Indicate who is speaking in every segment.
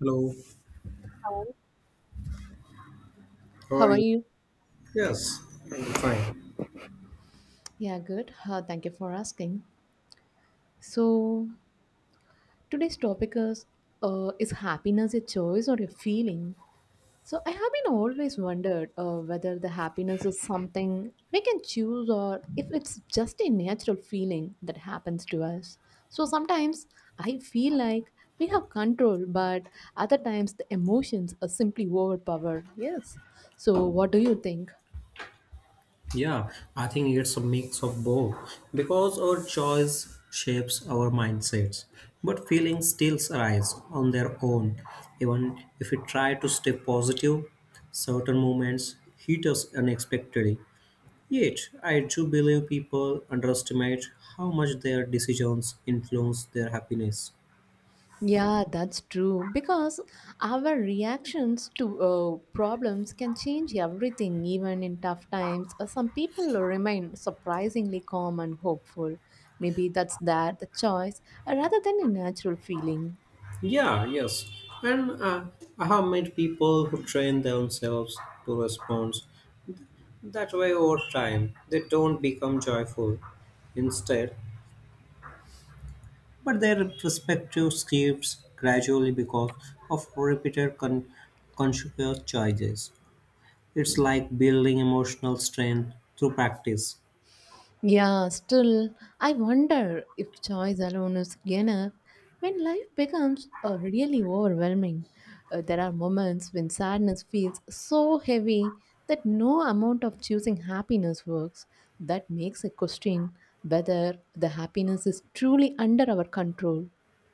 Speaker 1: Hello,
Speaker 2: Hello.
Speaker 1: how
Speaker 2: How
Speaker 1: are
Speaker 2: are
Speaker 1: you?
Speaker 2: you?
Speaker 1: Yes, I'm fine.
Speaker 2: Yeah, good. Thank you for asking. So today's topic is happiness a choice or a feeling? So I have been always wondered whether the happiness is something we can choose or if it's just a natural feeling that happens to us. So sometimes I feel like we have control, but other times the emotions are simply overpowered. Yes. So what do you think?
Speaker 1: Yeah, I think it's a mix of both because our choice shapes our mindsets, but feelings still arise on their own. Even if we try to stay positive, certain moments hit us unexpectedly. Yet, I do believe people underestimate how much their decisions influence their happiness.
Speaker 2: Yeah, that's true. Because our reactions to problems can change everything, even in tough times. Some people remain surprisingly calm and hopeful. Maybe that's that the choice, rather than a natural feeling.
Speaker 1: Yeah, yes. And I have met people who train themselves to respond that way over time. They don't become joyful instead, but their perspective shifts gradually because of conscious choices. It's like building emotional strength through practice.
Speaker 2: Yeah, still, I wonder if choice alone is enough when life becomes really overwhelming. There are moments when sadness feels so heavy that no amount of choosing happiness works. That makes a question whether the happiness is truly under our control.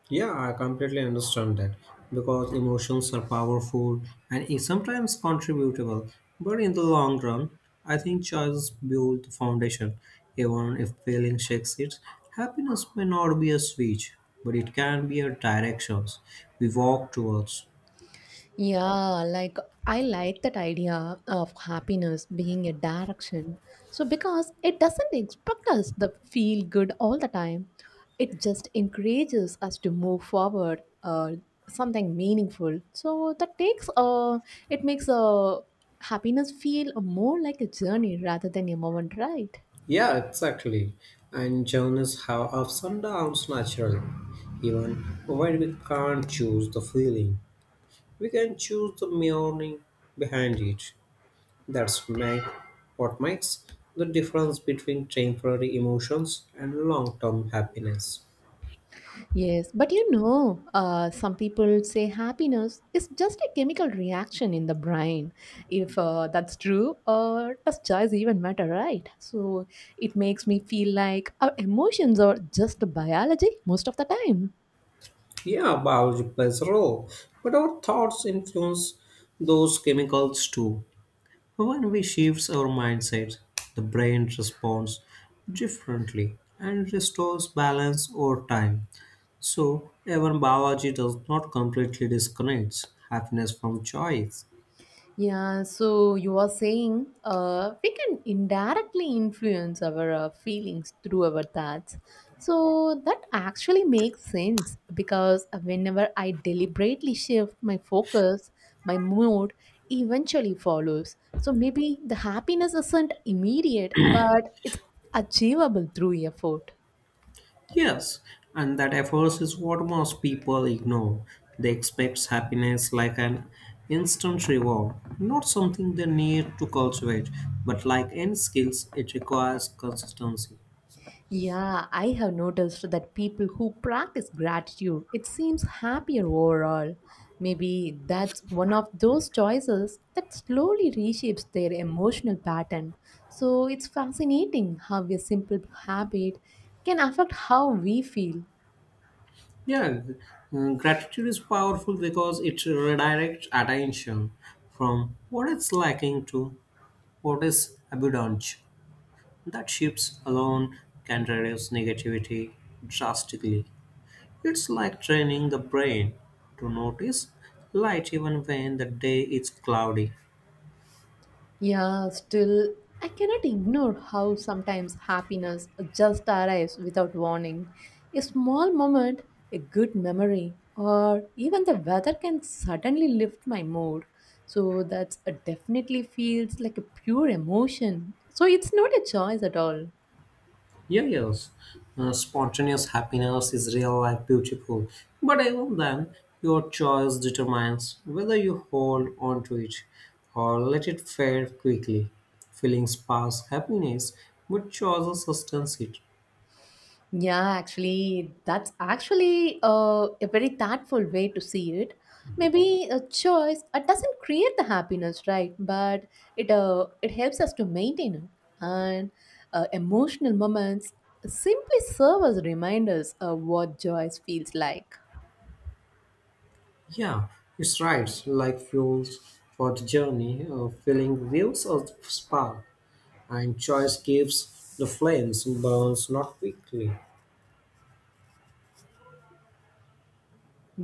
Speaker 1: Yeah, I completely understand that because emotions are powerful and sometimes contributable. But in the long run, I think choices build the foundation. Even if failing shakes it, happiness may not be a switch, but it can be a direction we walk towards.
Speaker 2: Yeah, like, I like that idea of happiness being a direction. So, because it doesn't expect us to feel good all the time, it just encourages us to move forward something meaningful. So, that takes it makes happiness feel more like a journey rather than a moment, right?
Speaker 1: Yeah, exactly. And journeys have ups and downs naturally. Even when we can't choose the feeling, we can choose the meaning behind it. That's my, what makes the difference between temporary emotions and long term happiness.
Speaker 2: Yes, but you know, some people say happiness is just a chemical reaction in the brain. If that's true, does choice even matter, right? So it makes me feel like our emotions are just biology most of the time.
Speaker 1: Yeah, biology plays a role, but our thoughts influence those chemicals too. When we shift our mindset, the brain responds differently and restores balance over time. So, even biology does not completely disconnect happiness from choice.
Speaker 2: Yeah, so you are saying we can indirectly influence our feelings through our thoughts. So that actually makes sense because whenever I deliberately shift my focus, my mood eventually follows. So maybe the happiness isn't immediate, but it's achievable through effort.
Speaker 1: Yes, and that effort is what most people ignore. They expect happiness like an instant reward, not something they need to cultivate, but like any skills, it requires consistency.
Speaker 2: Yeah, I have noticed that people who practice gratitude, it seems happier overall. Maybe that's one of those choices that slowly reshapes their emotional pattern. So it's fascinating how a simple habit can affect how we feel.
Speaker 1: Yeah, gratitude is powerful because it redirects attention from what is lacking to what is abundant. That shifts alone can reduce negativity drastically. It's like training the brain to notice light even when the day is cloudy.
Speaker 2: Yeah, still, I cannot ignore how sometimes happiness just arrives without warning. A small moment, a good memory, or even the weather can suddenly lift my mood. So that's definitely feels like a pure emotion. So it's not a choice at all.
Speaker 1: Yeah, yes, spontaneous happiness is real life beautiful, but even then, your choice determines whether you hold on to it or let it fade quickly. Feelings pass happiness, but choices sustains it.
Speaker 2: Yeah, actually, that's actually a very thoughtful way to see it. Maybe a choice doesn't create the happiness, right? But it helps us to maintain it, and emotional moments simply serve as reminders of what joy feels like.
Speaker 1: Yeah, it's right, like fuels for the journey, feeling gives us the spark and choice gives the flames burns not quickly.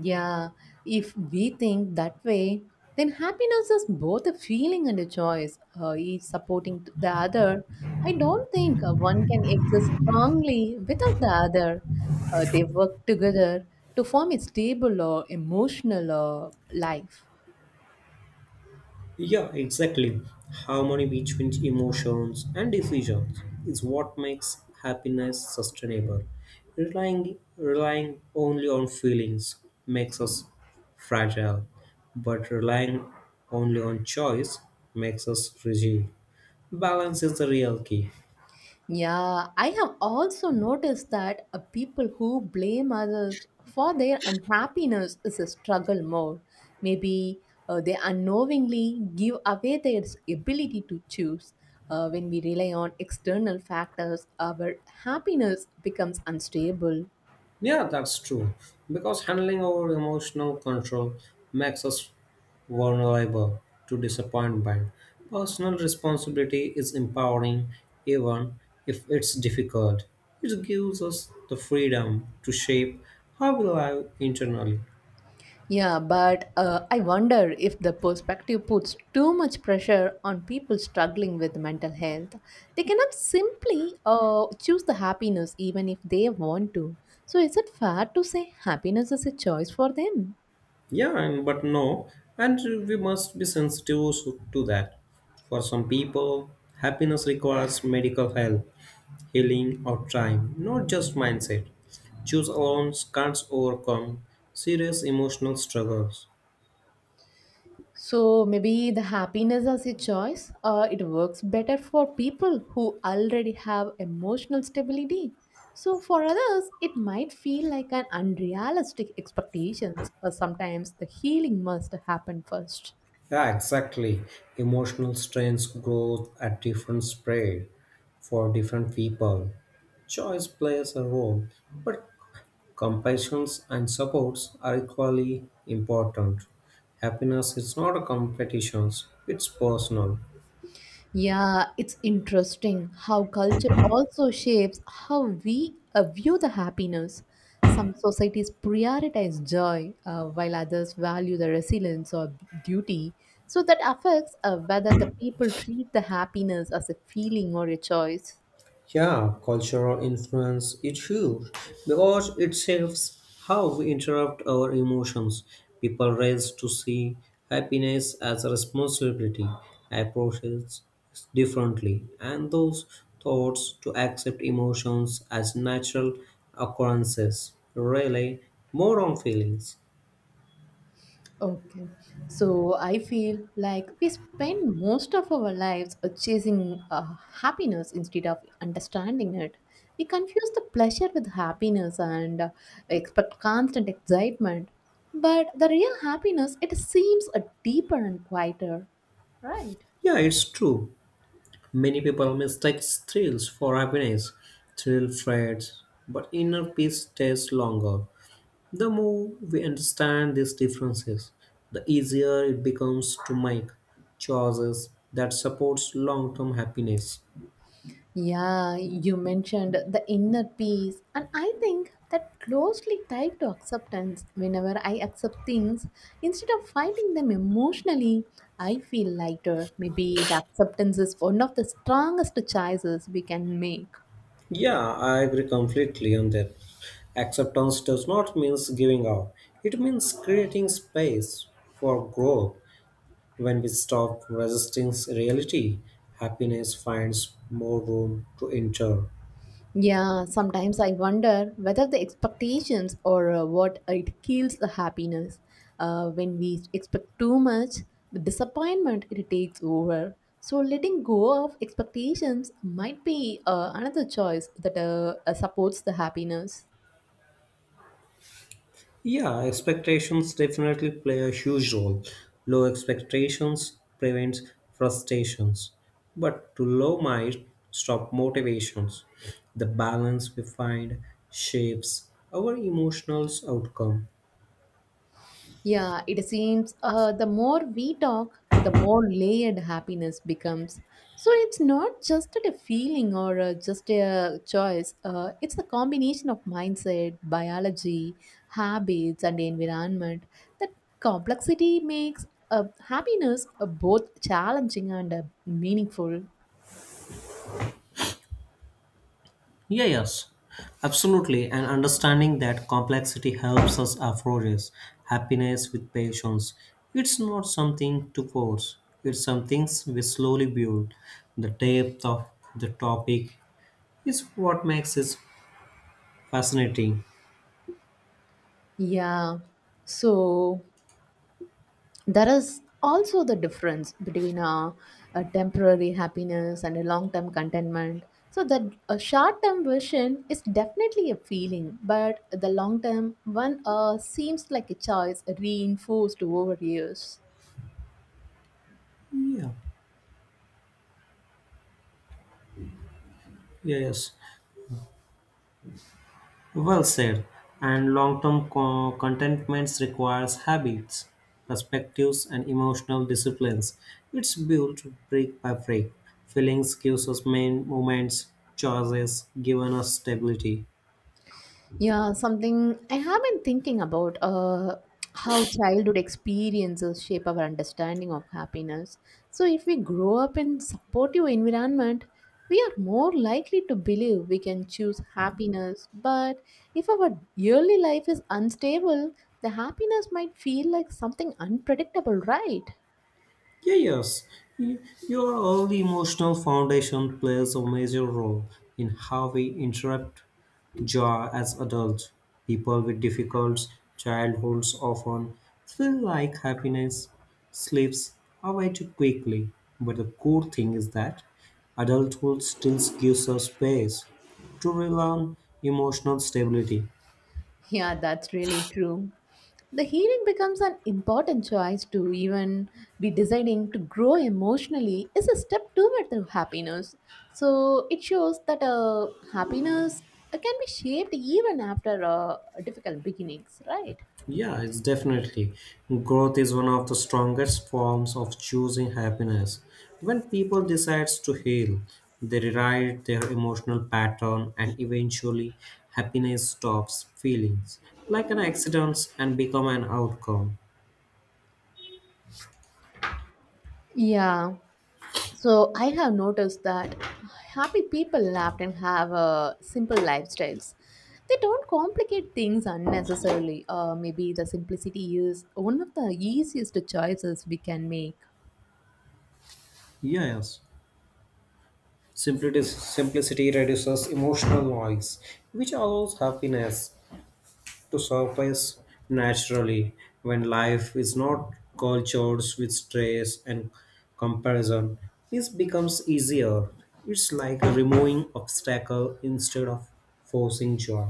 Speaker 2: Yeah, if we think that way, then happiness is both a feeling and a choice, each supporting the other. I don't think one can exist strongly without the other. They work together to form a stable or emotional life.
Speaker 1: Yeah, exactly. Harmony between emotions and decisions is what makes happiness sustainable. Relying only on feelings makes us fragile, but relying only on choice makes us fragile. Balance is the real key.
Speaker 2: Yeah, I have also noticed that people who blame others for their unhappiness is a struggle more. Maybe they unknowingly give away their ability to choose. When we rely on external factors, our happiness becomes unstable.
Speaker 1: Yeah, that's true. Because handling our emotional control makes us vulnerable to disappointment. Personal responsibility is empowering, even if it's difficult. It gives us the freedom to shape how we live internally.
Speaker 2: Yeah, but I wonder if the perspective puts too much pressure on people struggling with mental health. They cannot simply choose the happiness even if they want to. So, is it fair to say happiness is a choice for them?
Speaker 1: Yeah, and, but no, and we must be sensitive to that. For some people, happiness requires medical help. Healing, or time, not just mindset. Choose alone can't overcome serious emotional struggles.
Speaker 2: So maybe the happiness as a choice, it works better for people who already have emotional stability. So for others, it might feel like an unrealistic expectations, or sometimes the healing must happen first.
Speaker 1: Yeah, exactly. Emotional strains grow at different speed for different people. Choice plays a role, but compassions and supports are equally important. Happiness is not a competition, it's personal.
Speaker 2: Yeah, it's interesting how culture also shapes how we view the happiness. Some societies prioritize joy while others value the resilience or duty. So that affects whether the people treat the happiness as a feeling or a choice.
Speaker 1: Yeah, cultural influence is huge because it shapes how we interrupt our emotions. People raised to see happiness as a responsibility approach it differently, and those thoughts to accept emotions as natural occurrences rely more on feelings.
Speaker 2: Okay. So I feel like we spend most of our lives chasing happiness instead of understanding it. We confuse the pleasure with happiness and expect constant excitement. But the real happiness, it seems deeper and quieter, right?
Speaker 1: Yeah, it's true. Many people mistake thrills for happiness. Thrill fades, but inner peace stays longer. The more we understand these differences, the easier it becomes to make choices that supports long-term happiness.
Speaker 2: Yeah, you mentioned the inner peace, and I think that closely tied to acceptance. Whenever I accept things, instead of fighting them emotionally, I feel lighter. Maybe the acceptance is one of the strongest choices we can make.
Speaker 1: Yeah, I agree completely on that. Acceptance does not mean giving up. It means creating space for growth. When we stop resisting reality, happiness finds more room to enter.
Speaker 2: Yeah, sometimes I wonder whether the expectations or what it kills the happiness. When we expect too much, the disappointment it takes over. So letting go of expectations might be another choice that supports the happiness.
Speaker 1: Yeah, expectations definitely play a huge role. Low expectations prevents frustrations, but too low might stop motivations. The balance we find shapes our emotional outcome.
Speaker 2: Yeah, it seems the more we talk, the more layered happiness becomes. So it's not just a feeling or just a choice, it's a combination of mindset, biology, habits, and environment. That complexity makes happiness both challenging and meaningful.
Speaker 1: Yeah, yes, absolutely. And understanding that complexity helps us approach happiness with patience. It's not something to force. It's something we slowly build. The depth of the topic is what makes it fascinating.
Speaker 2: Yeah. So there is also the difference between a temporary happiness and a long-term contentment, so that a short-term vision is definitely a feeling, but the long-term one seems like a choice reinforced over years.
Speaker 1: Yeah, yeah, yes. Well said. And contentment requires habits, perspectives, and emotional disciplines. It's built brick by brick. Feelings gives us main moments, choices given us stability.
Speaker 2: Yeah, something I have been thinking about how childhood experiences shape our understanding of happiness. So, if we grow up in supportive environment, we are more likely to believe we can choose happiness. But if our early life is unstable, the happiness might feel like something unpredictable, right?
Speaker 1: Yeah, yes. Y- Your early emotional foundation plays a major role in how we interrupt joy as adults. People with difficult childhoods often feel like happiness slips away too quickly. But the cool thing is that adulthood still gives us space to rely on emotional stability.
Speaker 2: Yeah, that's really true. The healing becomes an important choice too, even be deciding to grow emotionally is a step toward the happiness. So it shows that happiness can be shaped even after difficult beginnings, right?
Speaker 1: Yeah, it's definitely. Growth is one of the strongest forms of choosing happiness. When people decides to heal, they rewrite their emotional pattern and eventually happiness stops feelings like an accident and become an outcome.
Speaker 2: Yeah. So I have noticed that happy people often have simple lifestyles. They don't complicate things unnecessarily. Maybe the simplicity is one of the easiest choices we can make.
Speaker 1: Yes. Simplicity reduces emotional noise, which allows happiness to surface naturally when life is not cultured with stress and comparison. This becomes easier. It's like removing obstacle instead of forcing joy.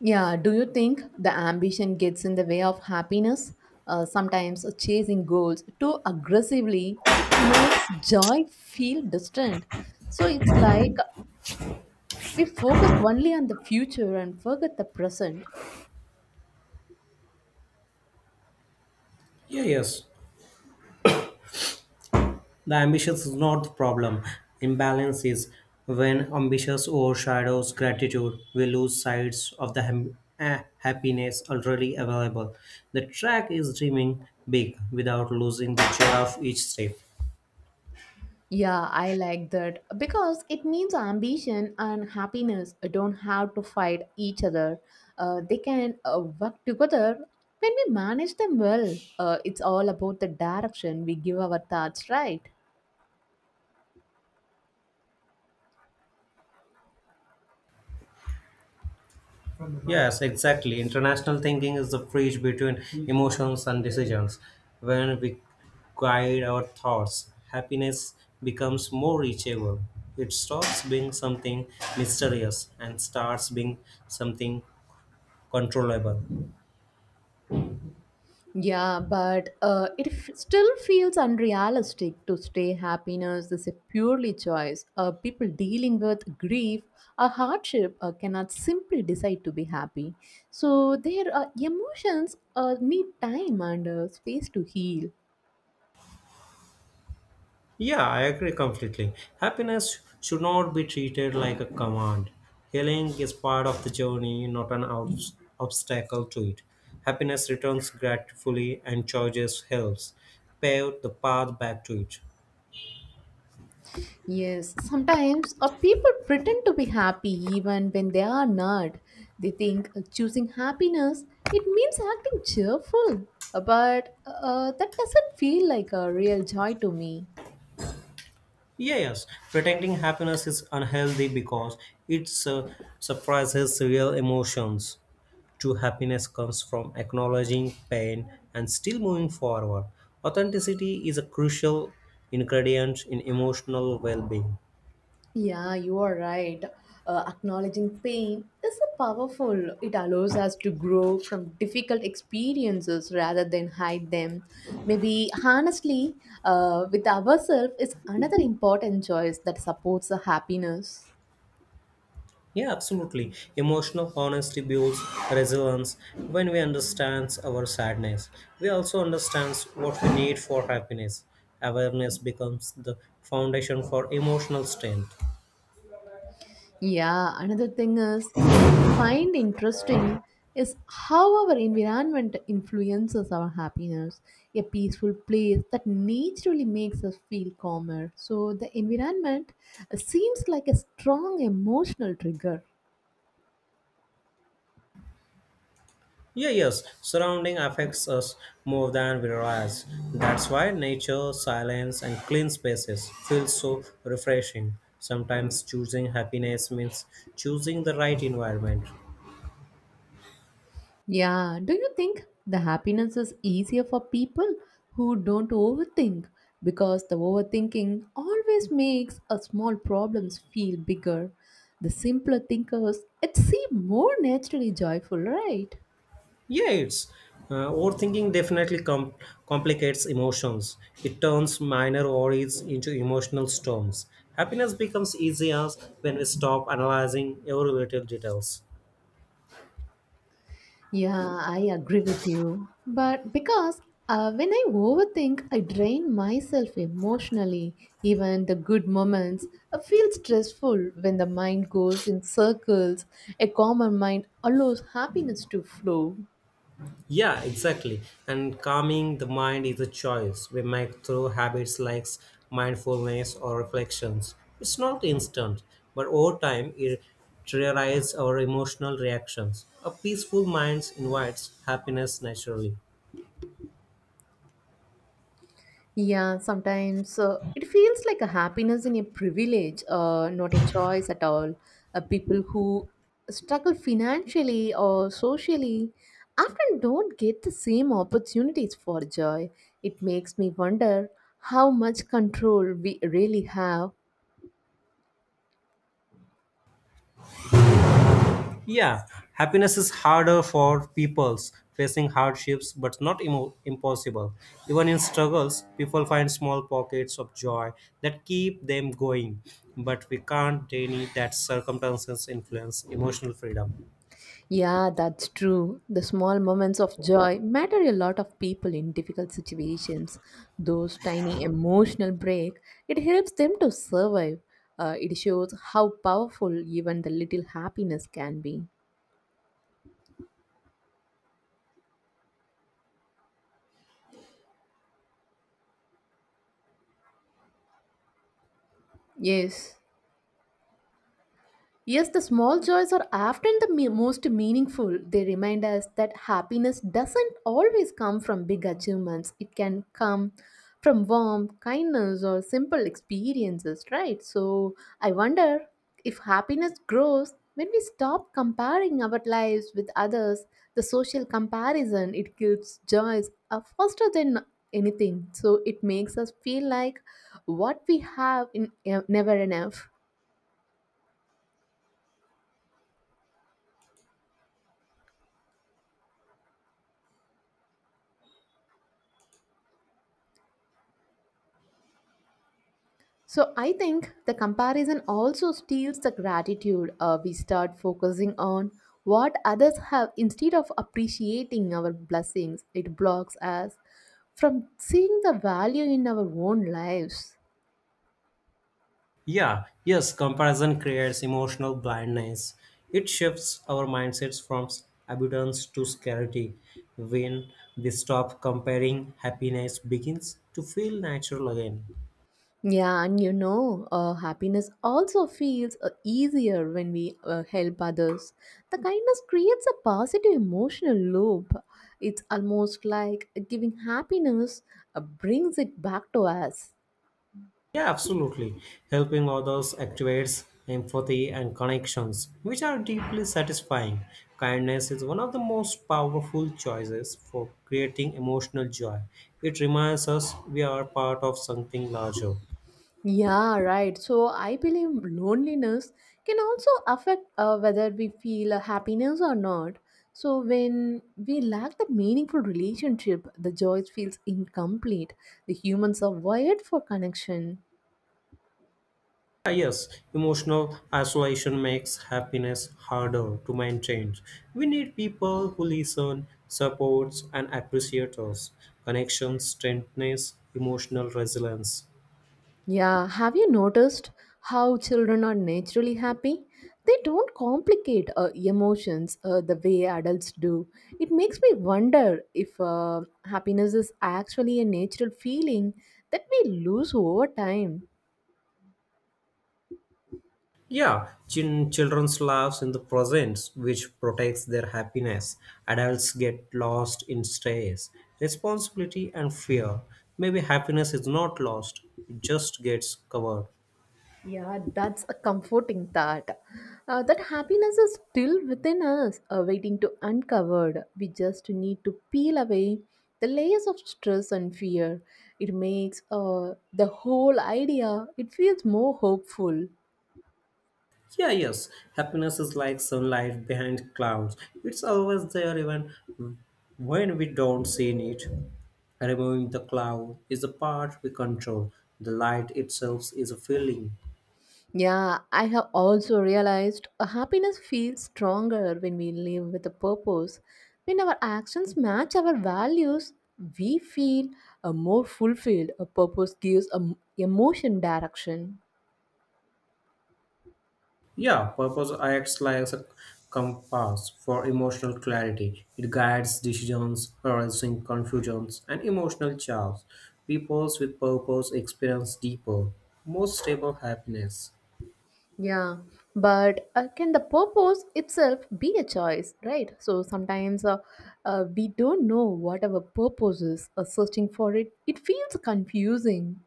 Speaker 2: Yeah, do you think the ambition gets in the way of happiness? Sometimes chasing goals too aggressively, it makes joy feel distant. So it's like we focus only on the future and forget the present.
Speaker 1: Yeah, yes. The ambition is not the problem. Imbalance is when ambitions overshadows gratitude, we lose sight of the happiness already available. The track is dreaming big without losing the joy of each step.
Speaker 2: Yeah, I like that because it means ambition and happiness don't have to fight each other. They can work together when we manage them well. It's all about the direction we give our thoughts, right?
Speaker 1: Yes, exactly. International thinking is the bridge between emotions and decisions. When we guide our thoughts, happiness becomes more reachable. It stops being something mysterious and starts being something controllable.
Speaker 2: Yeah, but still feels unrealistic to say happiness is a purely choice. People dealing with grief or hardship cannot simply decide to be happy. So their emotions need time and space to heal.
Speaker 1: Yeah, I agree completely. Happiness should not be treated like a command. Healing is part of the journey, not an obstacle to it. Happiness returns gratefully and choices helps pave the path back to it.
Speaker 2: Yes, sometimes people pretend to be happy even when they are not. They think choosing happiness it means acting cheerful, but that doesn't feel like a real joy to me.
Speaker 1: Yeah, yes, pretending happiness is unhealthy because it suppresses real emotions. True happiness comes from acknowledging pain and still moving forward. Authenticity is a crucial ingredient in emotional well being.
Speaker 2: Yeah, you are right. Acknowledging pain is a powerful. It allows us to grow from difficult experiences rather than hide them. Maybe honestly, with ourselves is another important choice that supports the happiness.
Speaker 1: Yeah, absolutely. Emotional honesty builds resilience when we understand our sadness. We also understand what we need for happiness. Awareness becomes the foundation for emotional strength.
Speaker 2: Yeah, another thing is I find interesting is how our environment influences our happiness. A peaceful place that naturally makes us feel calmer. So the environment seems like a strong emotional trigger.
Speaker 1: Yeah, yes, surrounding affects us more than we realize. That's why nature, silence, and clean spaces feel so refreshing. Sometimes choosing happiness means choosing the right environment.
Speaker 2: Yeah, do you think the happiness is easier for people who don't overthink? Because the overthinking always makes a small problems feel bigger. The simpler thinkers, it seem more naturally joyful, right?
Speaker 1: Yeah, it's overthinking complicates emotions. It turns minor worries into emotional storms. Happiness becomes easier when we stop analyzing every little details.
Speaker 2: Yeah, I agree with you. But because when I overthink, I drain myself emotionally. Even the good moments I feel stressful when the mind goes in circles. A calmer mind allows happiness to flow.
Speaker 1: Yeah, exactly. And calming the mind is a choice we make through habits like mindfulness or reflections. It's not instant, but over time it triggers our emotional reactions. A peaceful mind invites happiness naturally.
Speaker 2: Yeah, sometimes it feels like a happiness in a privilege, not a choice at all. People who struggle financially or socially often don't get the same opportunities for joy. It makes me wonder how much control we really have.
Speaker 1: Yeah, happiness is harder for peoples facing hardships, but not imo- impossible. Even in struggles, people find small pockets of joy that keep them going. But we can't deny that circumstances influence emotional freedom.
Speaker 2: Yeah, that's true. The small moments of joy matter a lot of people in difficult situations. Those tiny emotional break, it helps them to survive. It shows how powerful even the little happiness can be. Yes. Yes, the small joys are often the most meaningful. They remind us that happiness doesn't always come from big achievements. It can come from warmth, kindness, or simple experiences, right? So, I wonder if happiness grows when we stop comparing our lives with others. The social comparison it kills joys are faster than anything. So, it makes us feel like what we have in never enough. So I think the comparison also steals the gratitude. We start focusing on what others have instead of appreciating our blessings. It blocks us from seeing the value in our own lives.
Speaker 1: Yeah, yes, comparison creates emotional blindness. It shifts our mindsets from abundance to scarcity. When we stop comparing, happiness begins to feel natural again.
Speaker 2: Yeah, and you know, happiness also feels easier when we help others. The kindness creates a positive emotional loop. It's almost like giving happiness brings it back to us.
Speaker 1: Yeah, absolutely. Helping others activates empathy and connections, which are deeply satisfying. Kindness is one of the most powerful choices for creating emotional joy. It reminds us we are part of something larger.
Speaker 2: Yeah, right. So I believe loneliness can also affect whether we feel happiness or not. So when we lack the meaningful relationship, the joy feels incomplete. The humans are wired for connection.
Speaker 1: Ah, yes, emotional isolation makes happiness harder to maintain. We need people who listen, supports, and appreciate us. Connections strengthens emotional resilience.
Speaker 2: Yeah, have you noticed how children are naturally happy? They don't complicate emotions the way adults do. It makes me wonder if happiness is actually a natural feeling that we lose over time.
Speaker 1: Yeah, children's lives in the present, which protects their happiness. Adults get lost in stress, responsibility, and fear. Maybe happiness is not lost, it just gets covered.
Speaker 2: Yeah, that's a comforting thought. That happiness is still within us, waiting to uncovered. We just need to peel away the layers of stress and fear. It makes the whole idea. It feels more hopeful.
Speaker 1: Yeah, yes, happiness is like sunlight behind clouds. It's always there even when we don't see it. Removing the cloud is a part we control. The light itself is a feeling.
Speaker 2: Yeah, I have also realized happiness feels stronger when we live with a purpose. When our actions match our values, we feel more fulfilled. A purpose gives a emotion direction.
Speaker 1: Yeah, purpose acts like a compass for emotional clarity. It guides decisions, balancing confusions, and emotional chaos. Peoples with purpose experience deeper, more stable happiness.
Speaker 2: Yeah, but can the purpose itself be a choice, right? So sometimes we don't know what our purpose is, searching for it, it feels confusing.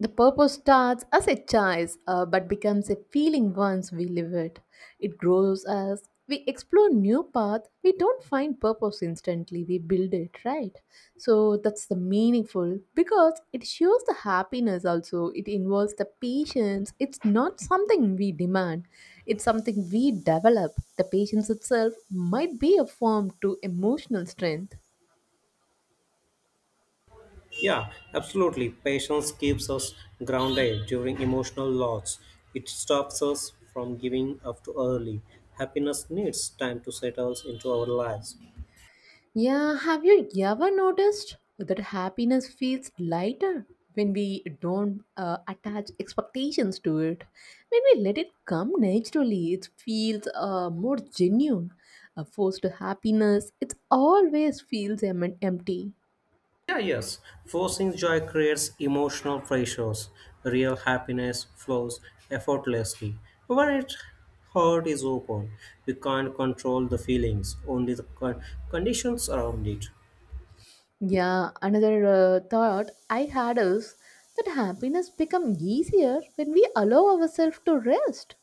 Speaker 2: The purpose starts as a choice but becomes a feeling once we live it. It grows as we explore new paths. We don't find purpose instantly, we build it, right? So that's the meaningful because it shows the happiness also. It involves the patience. It's not something we demand, it's something we develop. The patience itself might be a form to emotional strength.
Speaker 1: Yeah, absolutely. Patience keeps us grounded during emotional loss. It stops us from giving up too early. Happiness needs time to settle into our lives.
Speaker 2: Yeah, have you ever noticed that happiness feels lighter when we don't attach expectations to it? When we let it come naturally, it feels more genuine. A forced happiness, it always feels empty.
Speaker 1: Yeah, yes. Forcing joy creates emotional pressures. Real happiness flows effortlessly. When its heart is open, we can't control the feelings, only the conditions around it.
Speaker 2: Yeah, another thought I had is that happiness becomes easier when we allow ourselves to rest.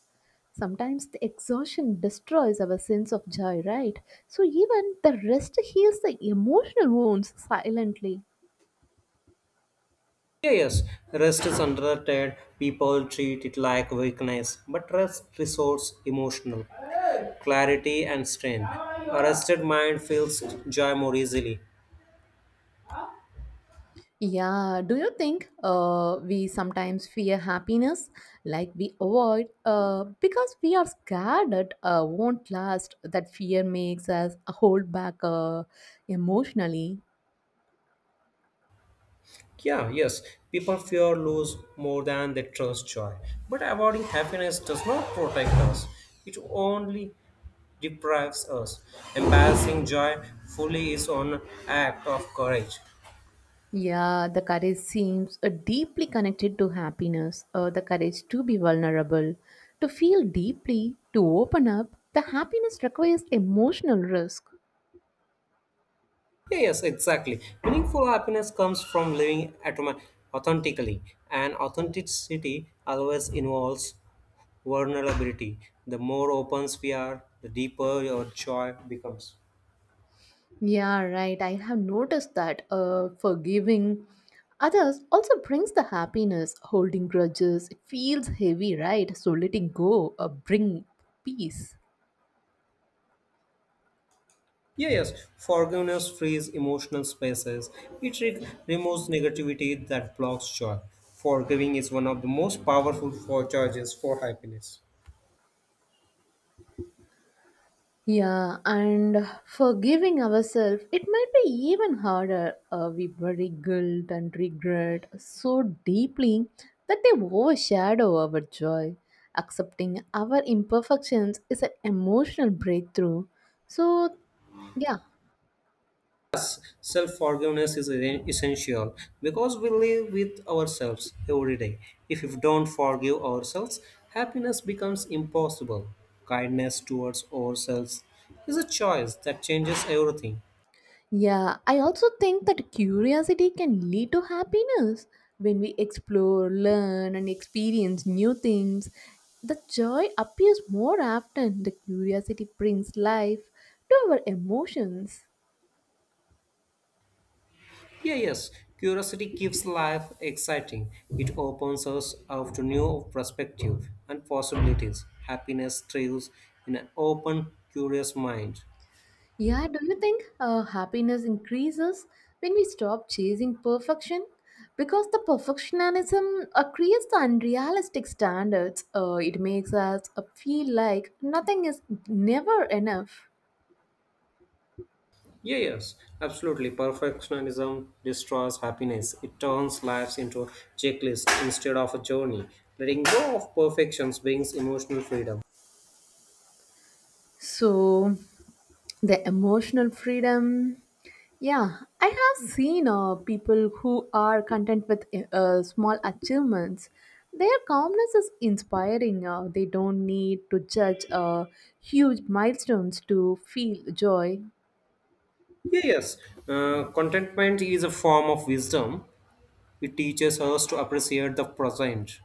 Speaker 2: Sometimes the exhaustion destroys our sense of joy, right? So even the rest heals the emotional wounds silently.
Speaker 1: Yeah, yes. Rest is underrated. People treat it like weakness, but rest restores emotional clarity and strength. A rested mind feels joy more easily.
Speaker 2: Yeah, do you think we sometimes fear happiness like we avoid because we are scared that won't last? That fear makes us hold back emotionally.
Speaker 1: Yeah, yes, people fear lose more than they trust joy. But avoiding happiness does not protect us, it only deprives us. Embracing joy fully is an act of courage.
Speaker 2: Yeah, the courage seems deeply connected to happiness, the courage to be vulnerable, to feel deeply, to open up. The happiness requires emotional risk.
Speaker 1: Yeah, yes, exactly. Meaningful happiness comes from living authentically, and authenticity always involves vulnerability. The more open we are, the deeper your joy becomes.
Speaker 2: Yeah, right. I have noticed that forgiving others also brings the happiness. Holding grudges, it feels heavy, right? So letting go bring peace.
Speaker 1: Yeah, yes, forgiveness frees emotional spaces. It removes negativity that blocks joy. Forgiving is one of the most powerful for charges for happiness.
Speaker 2: Yeah, and forgiving ourselves, it might be even harder. We bury guilt and regret so deeply that they overshadow our joy. Accepting our imperfections is an emotional breakthrough. So, yeah.
Speaker 1: Self forgiveness is essential because we live with ourselves every day. If we don't forgive ourselves, happiness becomes impossible. Kindness towards ourselves is a choice that changes everything.
Speaker 2: Yeah, I also think that curiosity can lead to happiness. When we explore, learn, and experience new things, the joy appears more often. The curiosity brings life to our emotions.
Speaker 1: Yeah, yes. Curiosity keeps life exciting. It opens us up to new perspective and possibilities. Happiness thrives in an open, curious mind.
Speaker 2: Yeah, do you think happiness increases when we stop chasing perfection? Because the perfectionism creates the unrealistic standards. It makes us feel like nothing is never enough.
Speaker 1: Yeah, yes, absolutely. Perfectionism destroys happiness. It turns lives into a checklist instead of a journey. Letting go of perfections brings emotional freedom.
Speaker 2: So, the emotional freedom, yeah, I have seen people who are content with small achievements, their calmness is inspiring, they don't need to judge huge milestones to feel joy.
Speaker 1: Yeah, yes, contentment is a form of wisdom. It teaches us to appreciate the present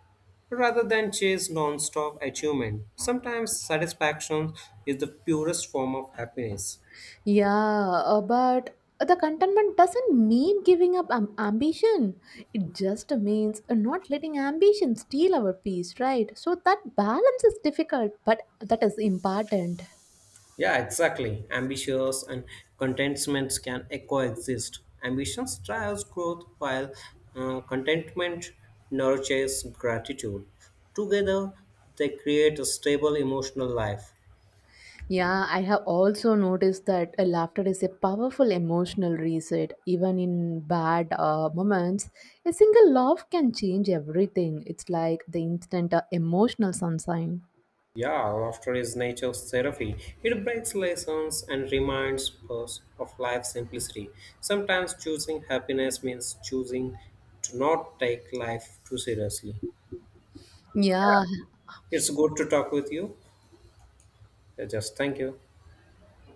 Speaker 1: rather than chase non-stop achievement. Sometimes satisfaction is the purest form of happiness.
Speaker 2: Yeah, but the contentment doesn't mean giving up ambition, it just means not letting ambition steal our peace, right? So that balance is difficult, but that is important.
Speaker 1: Yeah, exactly. Ambitions and contentments can coexist. Ambition drives growth while contentment nurtures gratitude. Together, they create a stable emotional life.
Speaker 2: Yeah, I have also noticed that laughter is a powerful emotional reset. Even in bad moments, a single laugh can change everything. It's like the instant emotional sunshine.
Speaker 1: Yeah, laughter is nature's therapy. It breaks lessons and reminds us of life's simplicity. Sometimes choosing happiness means choosing to not take life too seriously.
Speaker 2: Yeah,
Speaker 1: It's good to talk with you. Yeah, just thank you.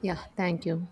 Speaker 2: yeah, thank you.